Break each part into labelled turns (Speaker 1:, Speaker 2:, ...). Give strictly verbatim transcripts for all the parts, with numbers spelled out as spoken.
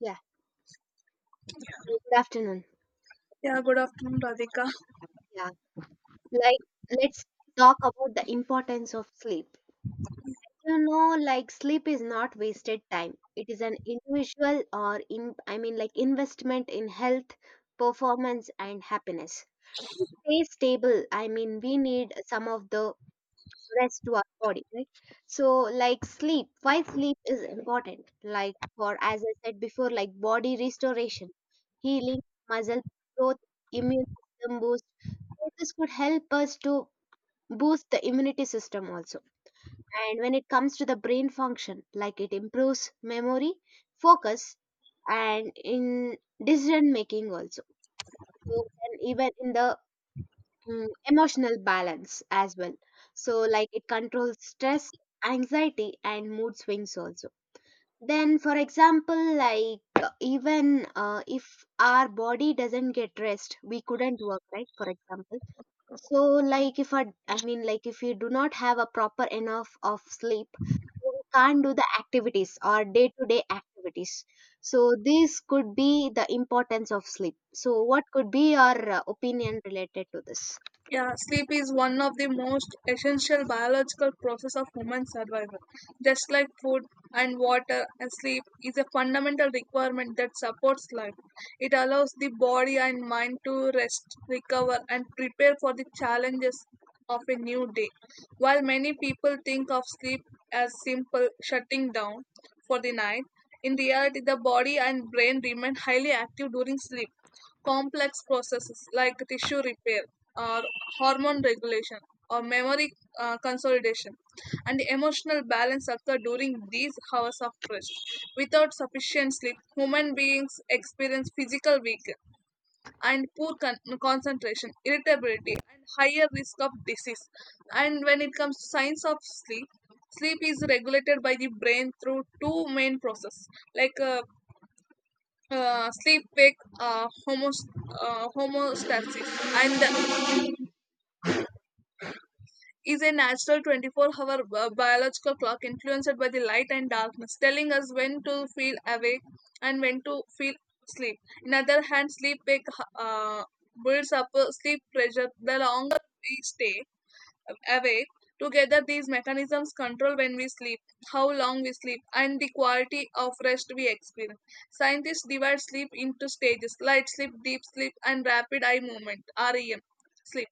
Speaker 1: Yeah, good afternoon.
Speaker 2: Yeah, good afternoon, Radhika.
Speaker 1: Yeah, like let's talk about the importance of sleep. You know, like sleep is not wasted time. It is an individual or in I mean like investment in health, performance and happiness. To stay stable, I mean we need some of the rest to our body, right? So like sleep, why sleep is important, like for, as I said before, like body restoration, healing, muscle growth, immune system boost. So this could help us to boost the immunity system also. And when it comes to the brain function, like it improves memory, focus, and in decision making also. So and even in the mm, emotional balance as well. So, like it controls stress, anxiety, and mood swings also. Then, for example, like uh, even uh, if our body doesn't get rest, we couldn't work, right? For example, so like if our, I mean, like if you do not have a proper enough of sleep, we can't do the activities or day-to-day activities. So, this could be the importance of sleep. So, what could be your uh, opinion related to this?
Speaker 2: Yeah, sleep is one of the most essential biological process of human survival. Just like food and water, and sleep is a fundamental requirement that supports life. It allows the body and mind to rest, recover, and prepare for the challenges of a new day. While many people think of sleep as simple shutting down for the night, in reality, the body and brain remain highly active during sleep. Complex processes like tissue repair or hormone regulation or memory uh, consolidation and emotional balance occur during these hours of rest. Without sufficient sleep, human beings experience physical weakness and poor con- concentration, irritability, and higher risk of disease. And when it comes to signs of sleep, sleep is regulated by the brain through two main processes, like uh, uh, sleep wake uh, homos- uh, homostasis, and is a natural twenty-four hour bi- biological clock influenced by the light and darkness, telling us when to feel awake and when to feel sleep. In other hand, sleep wake uh, builds up uh, sleep pressure the longer we stay awake. Together, these mechanisms control when we sleep, how long we sleep, and the quality of rest we experience. Scientists divide sleep into stages: light sleep, deep sleep, and rapid eye movement R E M sleep.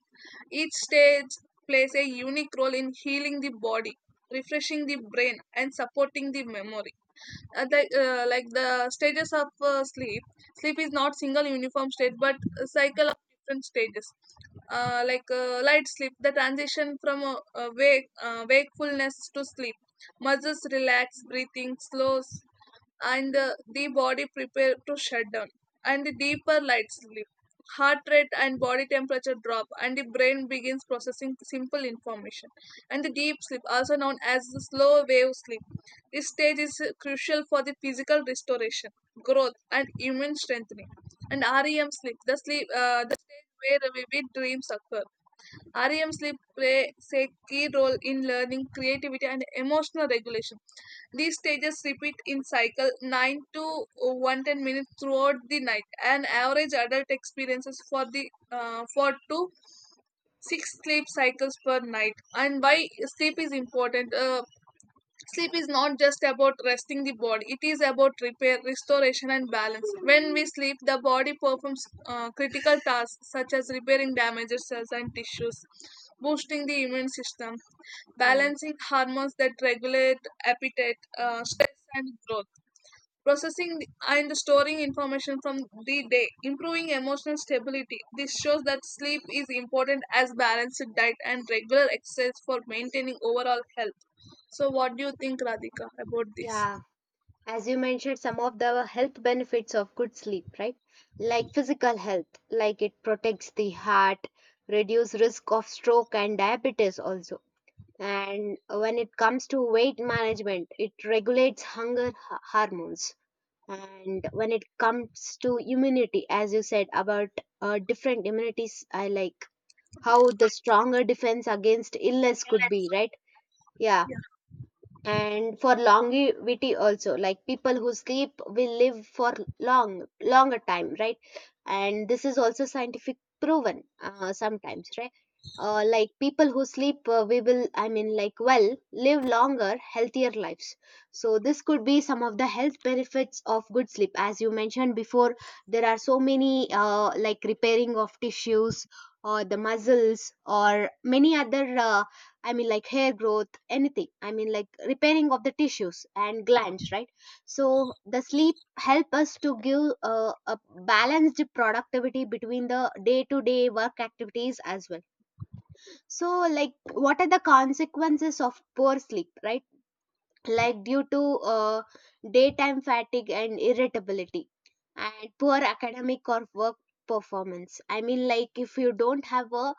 Speaker 2: Each stage plays a unique role in healing the body, refreshing the brain, and supporting the memory. Uh, like uh, like the stages of uh, sleep, sleep is not single uniform state but a cycle of different stages. Uh, like uh, light sleep, the transition from uh, uh, wake uh, wakefulness to sleep, muscles relax, breathing slows, and uh, the body prepare to shut down. And the deeper light sleep, heart rate and body temperature drop, and the brain begins processing simple information. And the deep sleep, also known as the slow wave sleep, this stage is uh, crucial for the physical restoration, growth, and immune strengthening. And REM sleep, the sleep uh, the stage where vivid dreams occur, REM sleep plays a key role in learning, creativity, and emotional regulation. These stages repeat in cycle nine to one hundred ten minutes throughout the night. An average adult experiences for the uh, four to six sleep cycles per night. And why sleep is important? Uh, Sleep is not just about resting the body, it is about repair, restoration, and balance. When we sleep, the body performs uh, critical tasks such as repairing damaged cells and tissues, boosting the immune system,
Speaker 1: Yeah.
Speaker 2: balancing hormones that regulate appetite, uh, stress, and growth, processing and storing information from the day, improving emotional stability. This shows that sleep is important as balanced diet and regular exercise for maintaining overall health. So, what do you think, Radhika, about this?
Speaker 1: Yeah, as you mentioned, some of the health benefits of good sleep, right? Like physical health, like it protects the heart, reduce risk of stroke and diabetes also. And when it comes to weight management, it regulates hunger h- hormones. And when it comes to immunity, as you said about uh, different immunities, I like how the stronger defense against illness could be, right? Yeah,
Speaker 2: Yeah,
Speaker 1: and for longevity also, like people who sleep will live for long longer time, right? And this is also scientific proven uh, sometimes, right? uh, like people who sleep, uh, we will, i mean like well, live longer, healthier lives. So this could be some of the health benefits of good sleep. As you mentioned before, there are so many uh, like repairing of tissues or the muscles or many other uh, I mean, like hair growth, anything. I mean, like repairing of the tissues and glands, right? So the sleep help us to give uh, a balanced productivity between the day-to-day work activities as well. So, like, what are the consequences of poor sleep, right? Like due to uh, daytime fatigue and irritability and poor academic or work performance. I mean, like if you don't have a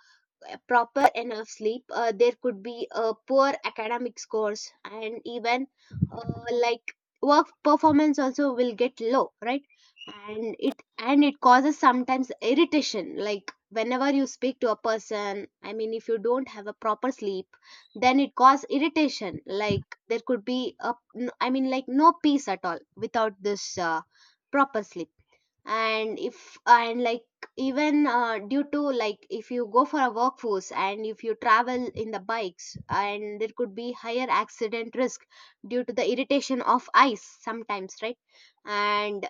Speaker 1: a proper enough sleep, uh, there could be a poor academic scores and even uh, like work performance also will get low, right? And it and it causes sometimes irritation, like whenever you speak to a person, I mean if you don't have a proper sleep, then it caused irritation, like there could be a n- I mean like no peace at all without this uh, proper sleep. And if and like even uh, due to like if you go for a workforce and if you travel in the bikes, and there could be higher accident risk due to the irritation of eyes sometimes, right? and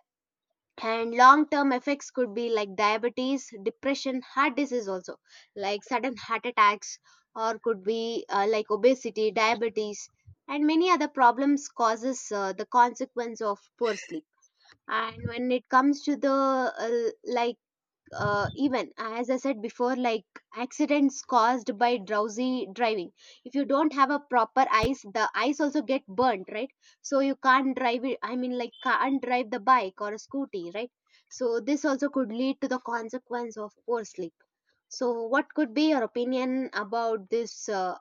Speaker 1: and long term effects could be like diabetes, depression, heart disease also, like sudden heart attacks, or could be uh, like obesity, diabetes, and many other problems causes uh, the consequence of poor sleep. And when it comes to the uh, like uh, even as I said before, like accidents caused by drowsy driving, if you don't have a proper eyes, the eyes also get burnt, right? So you can't drive it, I mean like can't drive the bike or a scooty, right? So this also could lead to the consequence of poor sleep. So what could be your opinion about this uh,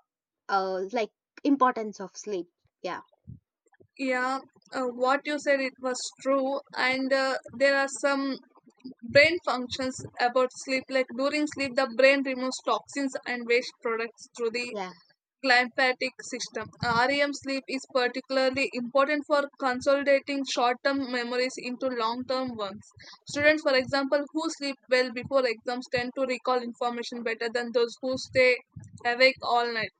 Speaker 1: uh, like importance of sleep? yeah
Speaker 2: yeah. Uh, what you said it was true, and uh, there are some brain functions about sleep. Like during sleep, the brain removes toxins and waste products through the
Speaker 1: yeah
Speaker 2: glymphatic system. R E M sleep is particularly important for consolidating short-term memories into long-term ones. Students, for example, who sleep well before exams tend to recall information better than those who stay awake all night.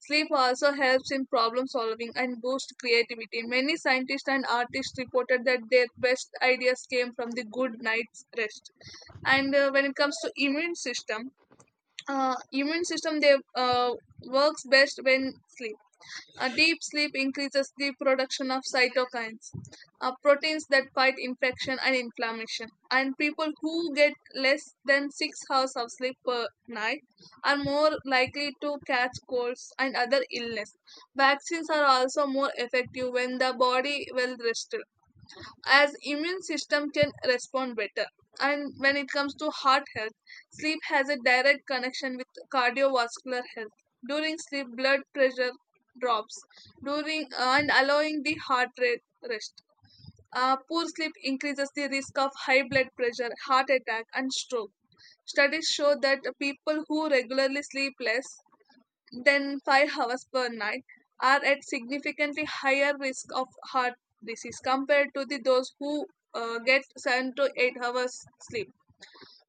Speaker 2: Sleep also helps in problem solving and boosts creativity. Many scientists and artists reported that their best ideas came from the good night's rest. And uh, when it comes to immune system, uh, immune system they uh, works best when sleep. A deep sleep increases the production of cytokines, uh, proteins that fight infection and inflammation. And people who get less than six hours of sleep per night are more likely to catch colds and other illness. Vaccines are also more effective when the body well rested, as immune system can respond better. And when it comes to heart health, sleep has a direct connection with cardiovascular health. During sleep, blood pressure drops, during and allowing the heart rate rest. Uh, poor sleep increases the risk of high blood pressure, heart attack, and stroke. Studies show that people who regularly sleep less than five hours per night are at significantly higher risk of heart disease compared to the, those who uh, get seven to eight hours sleep.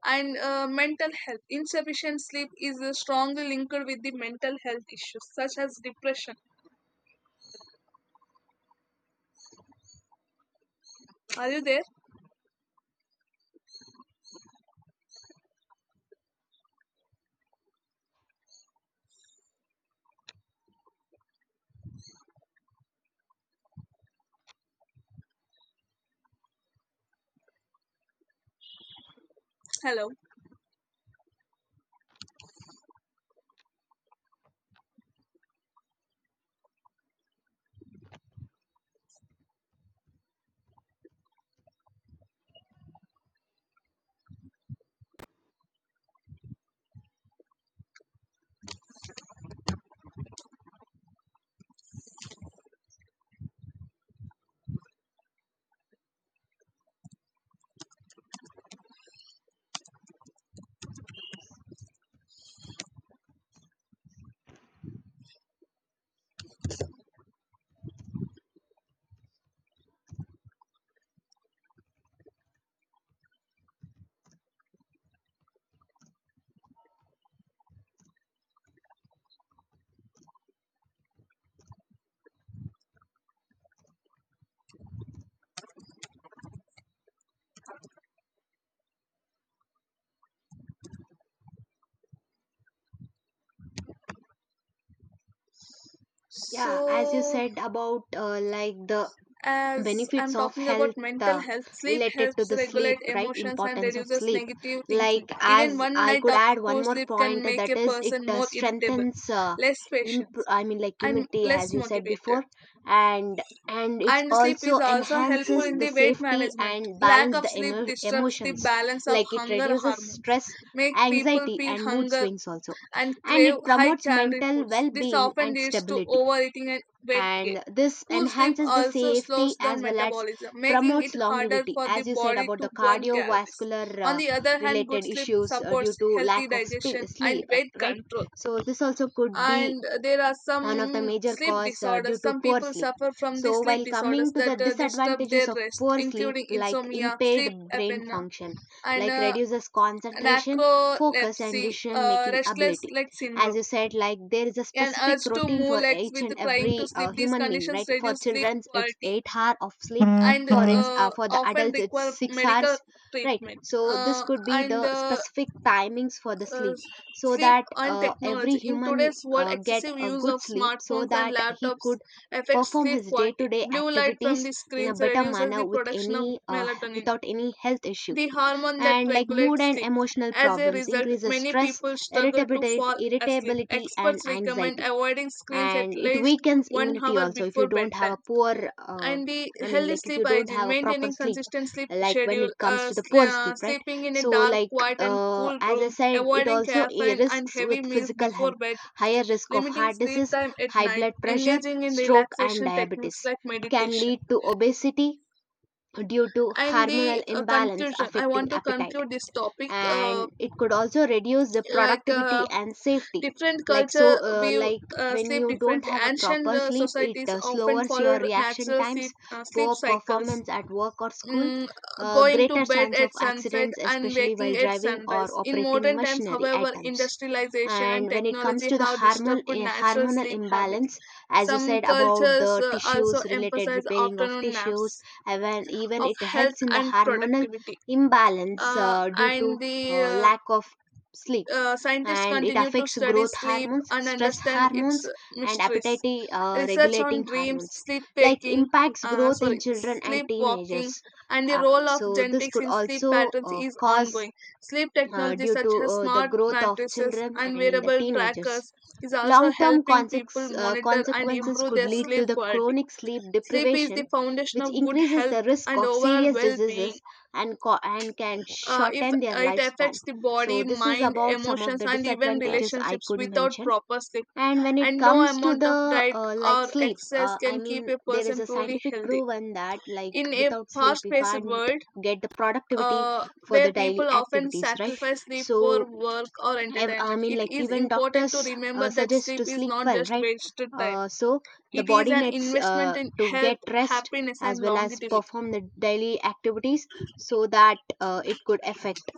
Speaker 2: And uh, mental health, insufficient sleep is uh, strongly linked with the mental health issues such as depression. Are you there? Hello?
Speaker 1: Yeah, as you
Speaker 2: So
Speaker 1: said about uh, like the
Speaker 2: as
Speaker 1: benefits
Speaker 2: I'm
Speaker 1: of
Speaker 2: talking about
Speaker 1: health
Speaker 2: mental
Speaker 1: uh,
Speaker 2: health, sleep
Speaker 1: related to
Speaker 2: helps
Speaker 1: the sleep,
Speaker 2: regulate
Speaker 1: right?
Speaker 2: emotions and
Speaker 1: Importance of
Speaker 2: reduces
Speaker 1: sleep,
Speaker 2: negative
Speaker 1: like
Speaker 2: thinking. Even
Speaker 1: as
Speaker 2: one
Speaker 1: I
Speaker 2: night
Speaker 1: could
Speaker 2: of
Speaker 1: add one
Speaker 2: poor
Speaker 1: more
Speaker 2: sleep can
Speaker 1: point, uh,
Speaker 2: make
Speaker 1: that
Speaker 2: a
Speaker 1: is it
Speaker 2: person
Speaker 1: uh,
Speaker 2: more irritable,
Speaker 1: strengthens, uh,
Speaker 2: less patient,
Speaker 1: imp- I mean like
Speaker 2: and
Speaker 1: immunity, as
Speaker 2: less
Speaker 1: you said
Speaker 2: motivated.
Speaker 1: before. And and it's
Speaker 2: And sleep is
Speaker 1: also
Speaker 2: also helpful
Speaker 1: enhances
Speaker 2: in
Speaker 1: the
Speaker 2: the weight
Speaker 1: safety
Speaker 2: management.
Speaker 1: and
Speaker 2: Lack
Speaker 1: balance
Speaker 2: of
Speaker 1: the
Speaker 2: sleep
Speaker 1: emo-
Speaker 2: disrupts the
Speaker 1: emotions,
Speaker 2: balance of
Speaker 1: like it
Speaker 2: hunger
Speaker 1: reduces
Speaker 2: hormones,
Speaker 1: stress,
Speaker 2: make people
Speaker 1: anxiety
Speaker 2: feel
Speaker 1: and mood
Speaker 2: hunger
Speaker 1: swings also.
Speaker 2: and
Speaker 1: And
Speaker 2: crave
Speaker 1: it
Speaker 2: high
Speaker 1: promotes
Speaker 2: calorie
Speaker 1: mental
Speaker 2: foods. This
Speaker 1: well-being
Speaker 2: often
Speaker 1: and
Speaker 2: leads to
Speaker 1: stability,
Speaker 2: overeating and weight gain.
Speaker 1: and this
Speaker 2: Poor sleep
Speaker 1: enhances the
Speaker 2: also slows
Speaker 1: safety
Speaker 2: down
Speaker 1: as well as
Speaker 2: metabolism, making it
Speaker 1: promotes
Speaker 2: harder
Speaker 1: longevity,
Speaker 2: for the
Speaker 1: as you said
Speaker 2: body
Speaker 1: about
Speaker 2: to
Speaker 1: the
Speaker 2: burn calories.
Speaker 1: cardiovascular
Speaker 2: On
Speaker 1: uh,
Speaker 2: the other hand, good
Speaker 1: related
Speaker 2: sleep
Speaker 1: issues uh, due
Speaker 2: supports
Speaker 1: to
Speaker 2: healthy
Speaker 1: lack of sp-
Speaker 2: digestion and
Speaker 1: sleep, uh,
Speaker 2: weight
Speaker 1: right?
Speaker 2: control.
Speaker 1: So this also could be
Speaker 2: And there are
Speaker 1: one of the
Speaker 2: some
Speaker 1: major
Speaker 2: sleep
Speaker 1: cause uh, due
Speaker 2: disorders.
Speaker 1: to
Speaker 2: Some
Speaker 1: poor
Speaker 2: people
Speaker 1: sleep.
Speaker 2: suffer from the
Speaker 1: So
Speaker 2: sleep
Speaker 1: while
Speaker 2: disorders
Speaker 1: coming to the
Speaker 2: that uh, disturb
Speaker 1: disadvantages
Speaker 2: their
Speaker 1: of
Speaker 2: rest,
Speaker 1: poor sleep,
Speaker 2: including
Speaker 1: like
Speaker 2: insomnia,
Speaker 1: impaired
Speaker 2: sleep
Speaker 1: brain
Speaker 2: apnea,
Speaker 1: function,
Speaker 2: and
Speaker 1: like
Speaker 2: uh,
Speaker 1: reduces concentration, focus and
Speaker 2: narcolepsy,
Speaker 1: decision
Speaker 2: uh,
Speaker 1: making
Speaker 2: restless
Speaker 1: ability.
Speaker 2: leg
Speaker 1: As
Speaker 2: syndrome,
Speaker 1: you said, like there is a
Speaker 2: an
Speaker 1: specific
Speaker 2: urge to
Speaker 1: routine
Speaker 2: move
Speaker 1: for
Speaker 2: legs
Speaker 1: each
Speaker 2: with
Speaker 1: and
Speaker 2: trying to
Speaker 1: every uh,
Speaker 2: sleep. These
Speaker 1: human being,
Speaker 2: conditions
Speaker 1: right? For
Speaker 2: reduce sleep
Speaker 1: children's it's
Speaker 2: quality
Speaker 1: eight hour of sleep,
Speaker 2: and
Speaker 1: for its uh,
Speaker 2: uh,
Speaker 1: for the
Speaker 2: often
Speaker 1: adults it's
Speaker 2: require
Speaker 1: six
Speaker 2: medical
Speaker 1: hours, right?
Speaker 2: treatment.
Speaker 1: So this
Speaker 2: Uh,
Speaker 1: could be
Speaker 2: and
Speaker 1: the
Speaker 2: uh,
Speaker 1: specific timings for the
Speaker 2: uh,
Speaker 1: sleep, so
Speaker 2: Sleep
Speaker 1: that
Speaker 2: and
Speaker 1: uh, every
Speaker 2: technology. In
Speaker 1: human
Speaker 2: today's world,
Speaker 1: uh, get
Speaker 2: excessive
Speaker 1: a
Speaker 2: use
Speaker 1: good
Speaker 2: of
Speaker 1: sleep so
Speaker 2: smartphones and
Speaker 1: that he could
Speaker 2: laptops affects
Speaker 1: perform
Speaker 2: sleep
Speaker 1: his
Speaker 2: quality.
Speaker 1: day-to-day
Speaker 2: Blue light from
Speaker 1: activities
Speaker 2: the
Speaker 1: in a
Speaker 2: screens
Speaker 1: better
Speaker 2: reduces
Speaker 1: manner
Speaker 2: the
Speaker 1: with
Speaker 2: production of
Speaker 1: any uh,
Speaker 2: melatonin,
Speaker 1: without any health issue.
Speaker 2: the hormone that
Speaker 1: And like mood
Speaker 2: regulates
Speaker 1: and
Speaker 2: sleep.
Speaker 1: emotional
Speaker 2: As a
Speaker 1: problems
Speaker 2: result,
Speaker 1: increases
Speaker 2: many
Speaker 1: stress,
Speaker 2: people struggle to
Speaker 1: irritability
Speaker 2: fall asleep.
Speaker 1: irritability and
Speaker 2: Experts recommend
Speaker 1: anxiety.
Speaker 2: avoiding screens at
Speaker 1: And it
Speaker 2: least
Speaker 1: weakens
Speaker 2: one
Speaker 1: immunity
Speaker 2: hour
Speaker 1: also if you
Speaker 2: before
Speaker 1: don't have
Speaker 2: bedtime.
Speaker 1: a poor uh,
Speaker 2: And the
Speaker 1: I mean
Speaker 2: healthy
Speaker 1: like if
Speaker 2: sleep
Speaker 1: you don't
Speaker 2: hygiene,
Speaker 1: have a proper
Speaker 2: maintaining
Speaker 1: sleep,
Speaker 2: consistent sleep
Speaker 1: like when
Speaker 2: schedule,
Speaker 1: it comes
Speaker 2: uh,
Speaker 1: to the
Speaker 2: sl-
Speaker 1: poor
Speaker 2: uh,
Speaker 1: sleep, right?
Speaker 2: sleeping in a
Speaker 1: So
Speaker 2: dark,
Speaker 1: like
Speaker 2: quiet, and
Speaker 1: uh,
Speaker 2: cool
Speaker 1: as I
Speaker 2: room,
Speaker 1: said, it
Speaker 2: avoiding
Speaker 1: also eh,
Speaker 2: caffeine and
Speaker 1: risks
Speaker 2: heavy
Speaker 1: with
Speaker 2: meals
Speaker 1: physical
Speaker 2: before
Speaker 1: health,
Speaker 2: bed,
Speaker 1: higher risk of
Speaker 2: limiting
Speaker 1: heart
Speaker 2: screen
Speaker 1: disease,
Speaker 2: time at
Speaker 1: high
Speaker 2: night,
Speaker 1: blood pressure,
Speaker 2: engaging in
Speaker 1: stroke and
Speaker 2: relaxation
Speaker 1: diabetes,
Speaker 2: techniques like
Speaker 1: can
Speaker 2: meditation.
Speaker 1: lead to obesity due to
Speaker 2: And
Speaker 1: hormonal
Speaker 2: the uh,
Speaker 1: imbalance
Speaker 2: conclusion, I
Speaker 1: affecting
Speaker 2: want to
Speaker 1: appetite.
Speaker 2: conclude this topic. Uh,
Speaker 1: And it could also reduce the
Speaker 2: like
Speaker 1: productivity
Speaker 2: uh,
Speaker 1: and safety,
Speaker 2: Different
Speaker 1: like,
Speaker 2: culture
Speaker 1: so uh,
Speaker 2: we
Speaker 1: like
Speaker 2: uh,
Speaker 1: when
Speaker 2: sleep
Speaker 1: you don't
Speaker 2: differently.
Speaker 1: have a
Speaker 2: Ancient
Speaker 1: proper
Speaker 2: uh,
Speaker 1: sleep, it
Speaker 2: societies
Speaker 1: uh,
Speaker 2: often
Speaker 1: slows your
Speaker 2: followed
Speaker 1: reaction
Speaker 2: natural sleep
Speaker 1: times,
Speaker 2: uh, sleep
Speaker 1: poor
Speaker 2: cycles,
Speaker 1: performance at work or school,
Speaker 2: mm,
Speaker 1: uh,
Speaker 2: going to
Speaker 1: greater
Speaker 2: bed
Speaker 1: chance of
Speaker 2: at sunset
Speaker 1: accidents,
Speaker 2: and
Speaker 1: especially
Speaker 2: waking
Speaker 1: while
Speaker 2: at
Speaker 1: driving or
Speaker 2: sunrise. In
Speaker 1: operating
Speaker 2: modern times,
Speaker 1: machinery
Speaker 2: however,
Speaker 1: items.
Speaker 2: industrialization and
Speaker 1: And when it comes
Speaker 2: technology
Speaker 1: to the
Speaker 2: have
Speaker 1: hormone
Speaker 2: disturbed
Speaker 1: eh,
Speaker 2: natural
Speaker 1: hormonal
Speaker 2: sleep habits.
Speaker 1: imbalance, as you
Speaker 2: Some
Speaker 1: said about
Speaker 2: cultures
Speaker 1: the
Speaker 2: uh, also
Speaker 1: tissues related
Speaker 2: emphasize
Speaker 1: repairing of
Speaker 2: afternoon
Speaker 1: tissues,
Speaker 2: naps
Speaker 1: even even
Speaker 2: of
Speaker 1: it
Speaker 2: health
Speaker 1: helps in the
Speaker 2: and
Speaker 1: hormonal
Speaker 2: productivity.
Speaker 1: imbalance
Speaker 2: Uh,
Speaker 1: uh, due to
Speaker 2: and the
Speaker 1: uh,
Speaker 2: uh,
Speaker 1: lack of sleep.
Speaker 2: uh, Scientists
Speaker 1: And it
Speaker 2: continue to
Speaker 1: affects
Speaker 2: study
Speaker 1: growth
Speaker 2: sleep
Speaker 1: hormones,
Speaker 2: and
Speaker 1: stress
Speaker 2: understand its
Speaker 1: hormones, and
Speaker 2: mysteries.
Speaker 1: appetite, uh,
Speaker 2: Research
Speaker 1: regulating
Speaker 2: on dreams,
Speaker 1: hormones,
Speaker 2: sleep
Speaker 1: like
Speaker 2: waking,
Speaker 1: impacts
Speaker 2: uh,
Speaker 1: growth
Speaker 2: sorry,
Speaker 1: in children and teenagers.
Speaker 2: sleepwalking, and the
Speaker 1: uh,
Speaker 2: role of
Speaker 1: so this
Speaker 2: genetics
Speaker 1: could
Speaker 2: in sleep
Speaker 1: also
Speaker 2: patterns
Speaker 1: uh,
Speaker 2: is
Speaker 1: cause
Speaker 2: ongoing. Sleep
Speaker 1: uh,
Speaker 2: technology
Speaker 1: due to
Speaker 2: such as
Speaker 1: uh, the
Speaker 2: smart
Speaker 1: growth of
Speaker 2: mattresses
Speaker 1: children
Speaker 2: and
Speaker 1: and in the
Speaker 2: wearable
Speaker 1: teenagers.
Speaker 2: trackers is also
Speaker 1: Long term
Speaker 2: helping people
Speaker 1: uh,
Speaker 2: monitor and
Speaker 1: consequences
Speaker 2: improve
Speaker 1: could
Speaker 2: their
Speaker 1: lead to
Speaker 2: sleep
Speaker 1: the
Speaker 2: quality.
Speaker 1: chronic sleep
Speaker 2: Sleep is the
Speaker 1: deprivation,
Speaker 2: foundation
Speaker 1: which
Speaker 2: of good
Speaker 1: increases
Speaker 2: health
Speaker 1: the risk
Speaker 2: and
Speaker 1: of
Speaker 2: overall
Speaker 1: serious
Speaker 2: well-being.
Speaker 1: diseases and, co- and can
Speaker 2: uh, if
Speaker 1: shorten their
Speaker 2: it
Speaker 1: lifespan.
Speaker 2: affects the
Speaker 1: So,
Speaker 2: body,
Speaker 1: this is
Speaker 2: mind,
Speaker 1: about some of
Speaker 2: emotions,
Speaker 1: the
Speaker 2: and even
Speaker 1: disadvantages I
Speaker 2: relationships.
Speaker 1: could
Speaker 2: Without
Speaker 1: mention.
Speaker 2: proper sleep,
Speaker 1: And when it
Speaker 2: and no
Speaker 1: comes to
Speaker 2: amount of
Speaker 1: the
Speaker 2: diet
Speaker 1: uh, like
Speaker 2: or
Speaker 1: sleep,
Speaker 2: excess
Speaker 1: uh, I
Speaker 2: can keep
Speaker 1: mean,
Speaker 2: a
Speaker 1: there is
Speaker 2: person
Speaker 1: a
Speaker 2: truly
Speaker 1: scientific
Speaker 2: healthy
Speaker 1: proven that like
Speaker 2: in a
Speaker 1: without sleep you
Speaker 2: fast-paced
Speaker 1: can't
Speaker 2: world
Speaker 1: get the productivity
Speaker 2: uh,
Speaker 1: for the
Speaker 2: where
Speaker 1: daily
Speaker 2: people often
Speaker 1: activities, right?
Speaker 2: sacrifice sleep for
Speaker 1: So
Speaker 2: work or
Speaker 1: ev- I
Speaker 2: entertainment.
Speaker 1: mean,
Speaker 2: It
Speaker 1: like
Speaker 2: is
Speaker 1: even
Speaker 2: important to
Speaker 1: doctors
Speaker 2: remember
Speaker 1: uh,
Speaker 2: that
Speaker 1: suggest
Speaker 2: sleep
Speaker 1: to
Speaker 2: is
Speaker 1: sleep
Speaker 2: not
Speaker 1: well,
Speaker 2: just
Speaker 1: right?
Speaker 2: wasted time,
Speaker 1: Uh, so the
Speaker 2: it is
Speaker 1: body
Speaker 2: an
Speaker 1: needs
Speaker 2: investment
Speaker 1: uh,
Speaker 2: in
Speaker 1: to get
Speaker 2: health,
Speaker 1: rest
Speaker 2: happiness,
Speaker 1: as
Speaker 2: and
Speaker 1: well as
Speaker 2: longevity.
Speaker 1: perform the daily activities so that uh, it could affect